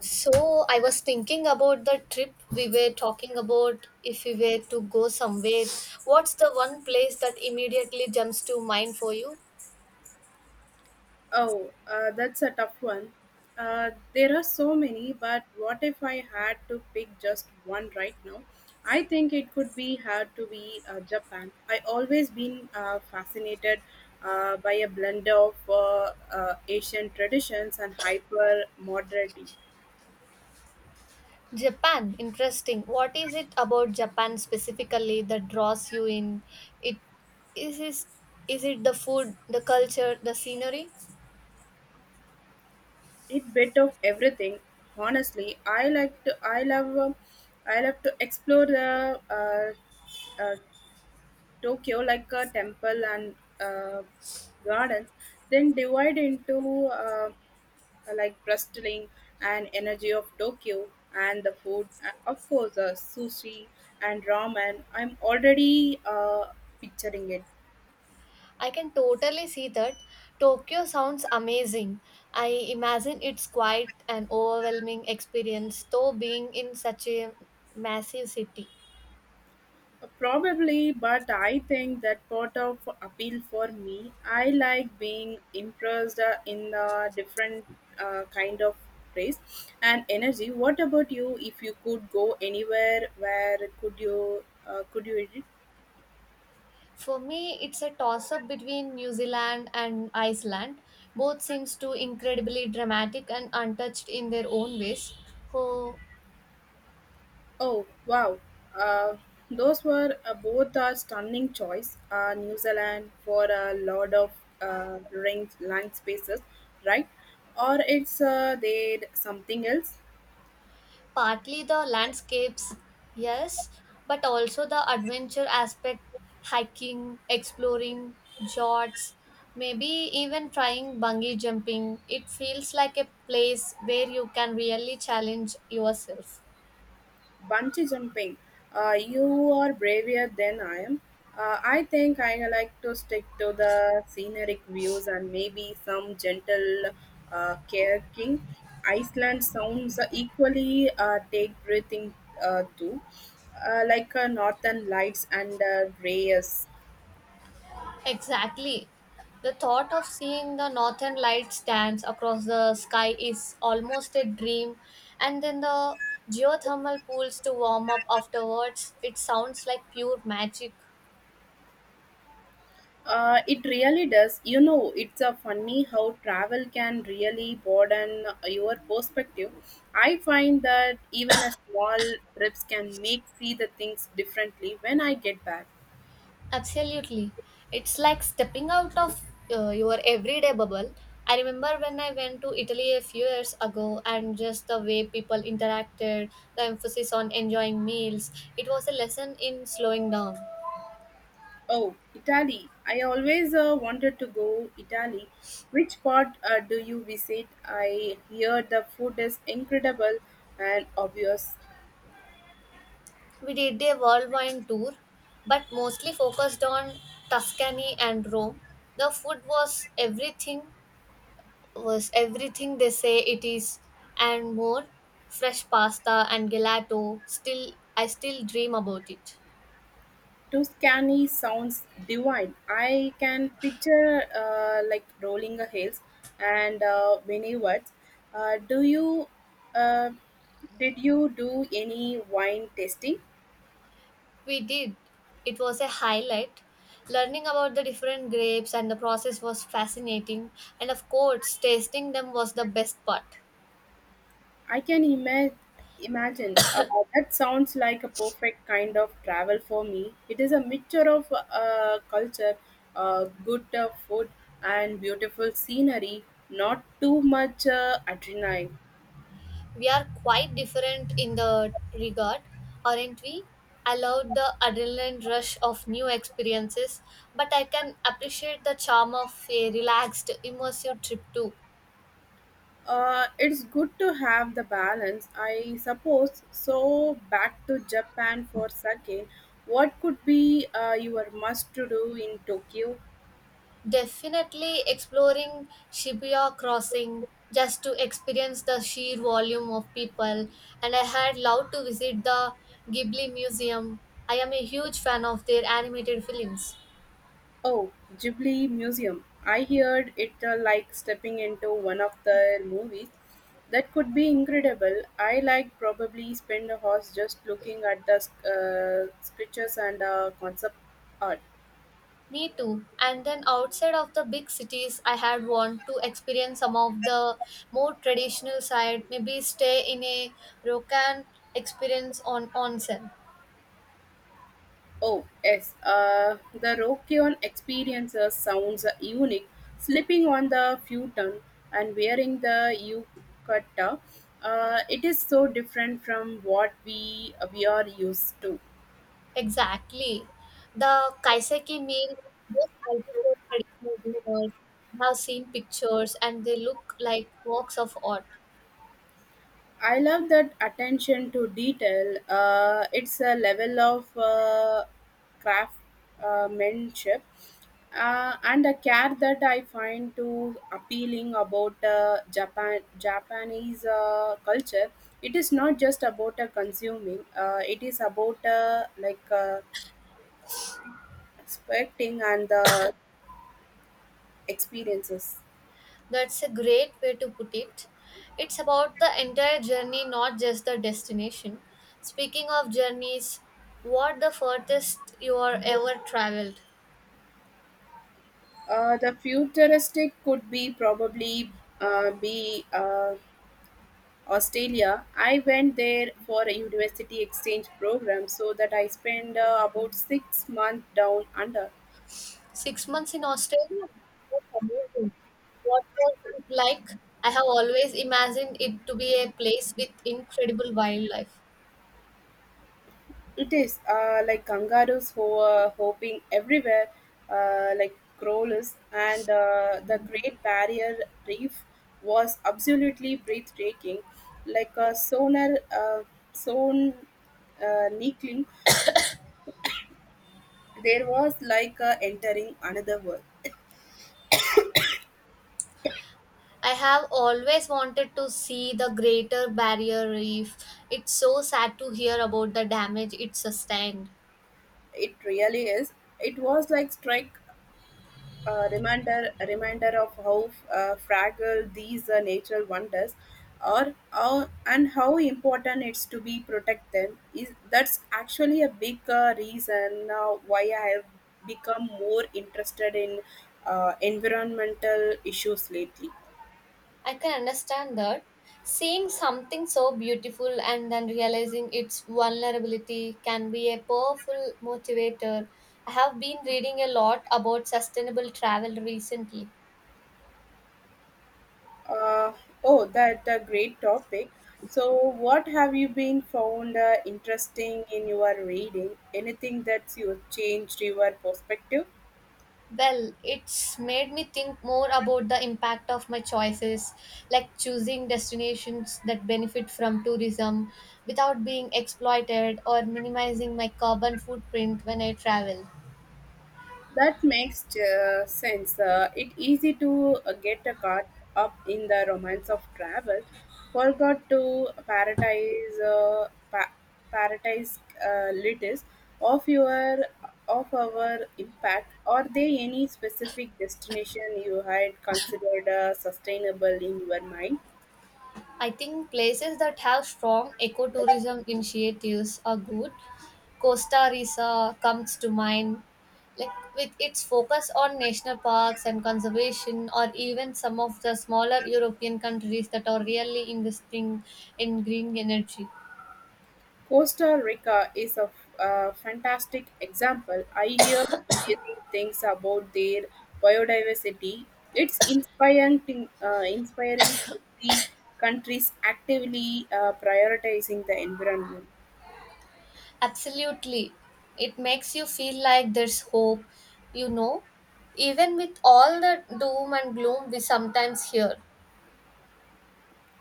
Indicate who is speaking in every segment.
Speaker 1: So I was thinking about the trip we were talking about. If we were to go somewhere, what's the one place that immediately jumps to mind for you?
Speaker 2: Oh, that's a tough one. There are so many, but what if I had to pick just one right now? I think it could be had to be Japan. I always been fascinated by a blend of Asian traditions and hyper modernity.
Speaker 1: Japan, interesting. What is it about Japan specifically that draws you in? It is is is it the food, the culture, the scenery?
Speaker 2: It bit of everything. Honestly, I like to. I love. I love to explore the uh, Tokyo like a temple and garden, then divide into like bustling and energy of Tokyo and the food, of course, sushi and ramen. I'm already picturing it.
Speaker 1: I can totally see that. Tokyo sounds amazing. I imagine it's quite an overwhelming experience, though being in such a massive city.
Speaker 2: Probably, but I think that part of appeal for me. I like being impressed in a different kind of place and energy. What about you? If you could go anywhere, where could you visit?
Speaker 1: For me, it's a toss up between New Zealand and Iceland. Both seems to incredibly dramatic and untouched in their own ways. Oh,
Speaker 2: Oh wow, uh, those were both a stunning choice. New Zealand for a lot of range land spaces, right? Or it's there something else?
Speaker 1: partly the landscapes, yes, but also the adventure aspect, hiking, exploring, jots, maybe even trying bungee jumping. It feels like a place where you can really challenge yourself.
Speaker 2: Bungee jumping. You are braver than I am. I think I like to stick to the scenic views and maybe some gentle kayaking. Iceland sounds equally take breathing too, like Northern Lights and Reyes.
Speaker 1: Exactly. The thought of seeing the northern lights dance across the sky is almost a dream, and then the geothermal pools to warm up afterwards, it sounds like pure magic.
Speaker 2: It really does. It's a funny how travel can really broaden your perspective. I find that even a small trips can make see the things differently when I get back.
Speaker 1: Absolutely. It's like stepping out of your everyday bubble. I remember when I went to Italy a few years ago and just the way people interacted, the emphasis on enjoying meals, it was a lesson in slowing down.
Speaker 2: Oh, Italy! I always wanted to go Italy. Which part do you visit? I hear the food is incredible and obvious.
Speaker 1: We did a whirlwind tour, but mostly focused on Tuscany and Rome. The food was everything they say it is and more. Fresh pasta and gelato. Still I still dream about it.
Speaker 2: Tuscany sounds divine. I can picture like rolling hills and vineyards. Do you uh, did you do any wine tasting?
Speaker 1: We did. It was a highlight. Learning about the different grapes and the process was fascinating and of course tasting them was the best part.
Speaker 2: I can imagine that sounds like a perfect kind of travel for me. It is a mixture of culture, good food, and beautiful scenery. Not too much adrenaline.
Speaker 1: We are quite different in the regard, aren't we? I love the adrenaline rush of new experiences, but I can appreciate the charm of a relaxed, immersive trip too.
Speaker 2: It's good to have the balance, I suppose. So, back to Japan for a second. What could be your must to do in Tokyo?
Speaker 1: Definitely exploring Shibuya Crossing just to experience the sheer volume of people, and I had loved to visit the Ghibli Museum. I am a huge fan of their animated films.
Speaker 2: Oh, Ghibli Museum. I heard it like stepping into one of the movies. That could be incredible. I like probably spend a horse just looking at the sculptures and concept art.
Speaker 1: Me too. And then outside of the big cities, I had want to experience some of the more traditional side. Maybe stay in a ryokan experience on onsen.
Speaker 2: Oh, yes. The Rockion experiences sounds unique. Slipping on the futon and wearing the yukata, it is so different from what we are used to.
Speaker 1: Exactly. The kaiseki meal, those multiple traditional dinners. I have seen pictures and they look like works of art.
Speaker 2: I love that attention to detail. It's a level of craftsmanship and a care that I find to appealing about Japanese culture. It is not just about consuming. It is about like expecting and the experiences.
Speaker 1: That's a great way to put it. It's about the entire journey, not just the destination. Speaking of journeys, what the furthest you are ever traveled?
Speaker 2: The futuristic could be probably be. Australia. I went there for a university exchange program, so that I spent about 6 months down under.
Speaker 1: 6 months in Australia? That's amazing. What was it like? I have always imagined it to be a place with incredible wildlife.
Speaker 2: It is like kangaroos who are hopping everywhere, like crawlers, and the Great Barrier Reef was absolutely breathtaking, like a sonar, son, Nikling, there was like entering another world.
Speaker 1: I have always wanted to see the Greater Barrier Reef. It's so sad to hear about the damage it sustained.
Speaker 2: It really is. It was like strike a reminder of how fragile these natural wonders are, how and how important it's to be protect them is that's actually a big reason why I have become more interested in environmental issues lately.
Speaker 1: I can understand that. Seeing something so beautiful and then realizing its vulnerability can be a powerful motivator. I have been reading a lot about sustainable travel recently.
Speaker 2: Uh, oh, that a great topic. So, what have you been found interesting in your reading? Anything that's you changed your perspective?
Speaker 1: Well, it's made me think more about the impact of my choices, like choosing destinations that benefit from tourism without being exploited or minimizing my carbon footprint when I travel.
Speaker 2: That makes sense. It easy to get caught up in the romance of travel. Forgot to prioritize prioritize littles of your of our impact. Are there any specific destination you had considered sustainable in your mind?
Speaker 1: I think places that have strong ecotourism initiatives are good. Costa Rica comes to mind, like with its focus on national parks and conservation, or even some of the smaller European countries that are really investing in green energy.
Speaker 2: Costa Rica is a fantastic example. I hear amazing things about their biodiversity. It's inspiring to see countries actively prioritizing the environment.
Speaker 1: Absolutely. It makes you feel like there's hope, you know, even with all the doom and gloom we sometimes hear.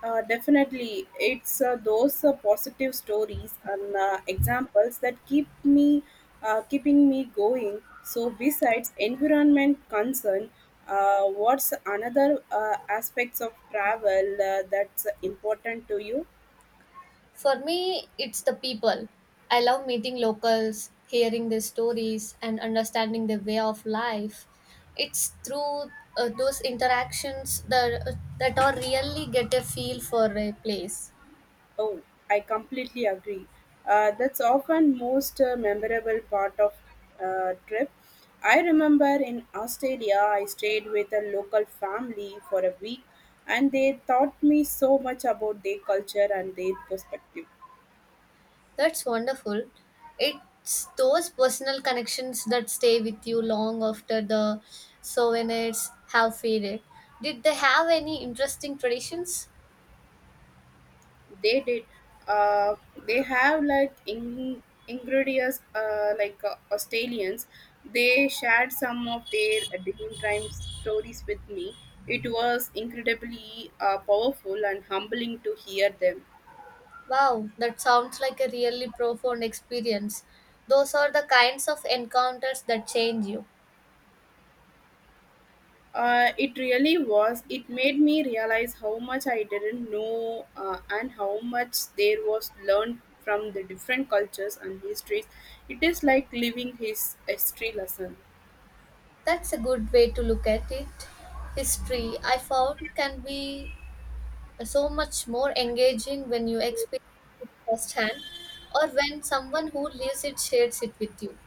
Speaker 2: Definitely, it's those positive stories and examples that keeping me going. So, besides environment concern, what's another aspects of travel that's important to you?
Speaker 1: For me, it's the people. I love meeting locals, hearing their stories, and understanding their way of life. It's through those interactions that I really get a feel for a place.
Speaker 2: Oh, I completely agree. That's often most memorable part of trip. I remember in Australia, I stayed with a local family for a week, and they taught me so much about their culture and their perspective.
Speaker 1: That's wonderful. It's those personal connections that stay with you long after the souvenirs have faded. Did they have any interesting traditions?
Speaker 2: They did. Uh, they have like ingredients like Australians. They shared some of their dream time stories with me. It was incredibly powerful and humbling to hear them.
Speaker 1: Wow, that sounds like a really profound experience. Those are the kinds of encounters that change you.
Speaker 2: It really was. It made me realize how much I didn't know and how much there was learned from the different cultures and histories. It is like living his history lesson.
Speaker 1: That's a good way to look at it. History, I found, can be so much more engaging when you experience it firsthand or when someone who lives it shares it with you.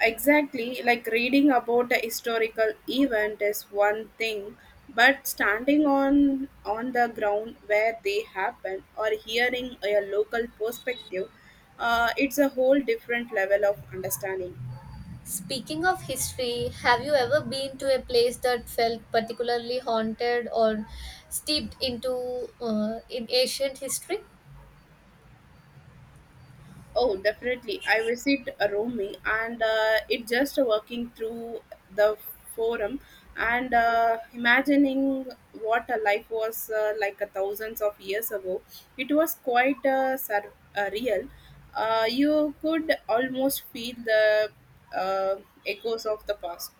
Speaker 2: Exactly, like reading about a historical event is one thing, but standing on the ground where they happen or hearing a local perspective, it's a whole different level of understanding.
Speaker 1: Speaking of history, have you ever been to a place that felt particularly haunted or steeped into in ancient history?
Speaker 2: Oh, definitely. I visit Romi and it just working through the forum and imagining what a life was like a thousands of years ago. It was quite real. You could almost feel the uh, echoes of the past.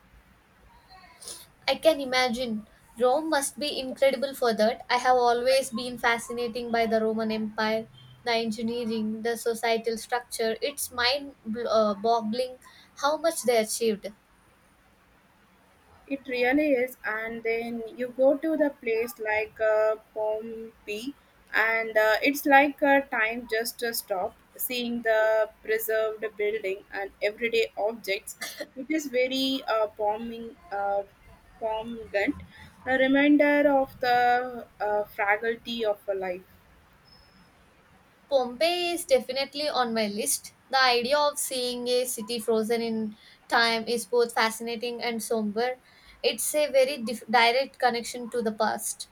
Speaker 1: I can imagine. Rome must be incredible for that. I have always been fascinating by the Roman Empire, the engineering, the societal structure. It's mind boggling how much they achieved.
Speaker 2: It really is, and then you go to the place like Pompeii, and it's like a time just to stop seeing the preserved building and everyday objects. It is very palmgant, a reminder of the fragility of a life.
Speaker 1: Pompeii is definitely on my list. The idea of seeing a city frozen in time is both fascinating and somber. It's a very direct connection to the past.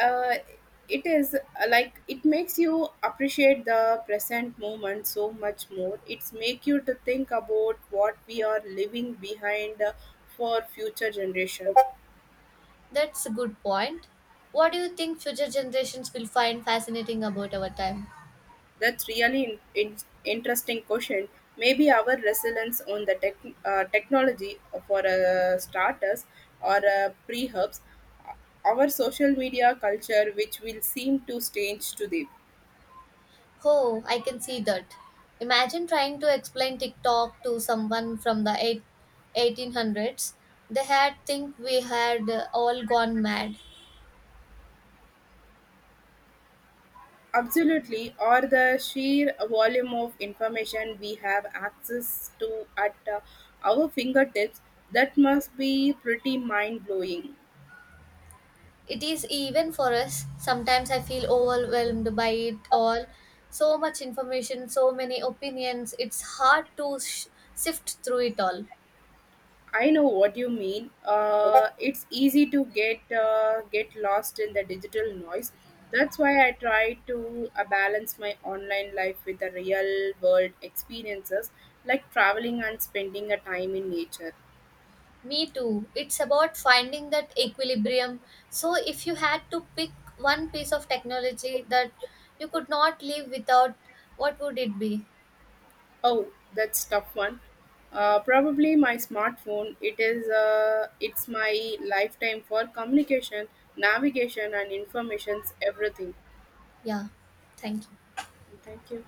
Speaker 2: uh, it is like it makes you appreciate the present moment so much more. It's make you to think about what we are leaving behind for future generation.
Speaker 1: That's a good point. What do you think future generations will find fascinating about our time?
Speaker 2: That's really interesting question. Maybe our resilience on the technology for starters or pre-herbs our social media culture which will seem to change today.
Speaker 1: Oh, I can see that. Imagine trying to explain TikTok to someone from the 1800s. They had think we had all gone mad.
Speaker 2: Absolutely, or the sheer volume of information we have access to at our fingertips, that must be pretty mind blowing.
Speaker 1: It is even for us. Sometimes I feel overwhelmed by it all. So much information, so many opinions. It's hard to sift through it all.
Speaker 2: I know what you mean. It's easy to get lost in the digital noise. That's why I try to balance my online life with the real world experiences, like traveling and spending a time in nature.
Speaker 1: Me too. It's about finding that equilibrium. So, if you had to pick one piece of technology that you could not live without, what would it be?
Speaker 2: Oh, that's tough one. Probably my smartphone. It is. It's my lifetime for communication, navigation, and information's everything.
Speaker 1: Yeah, thank you.
Speaker 2: Thank you.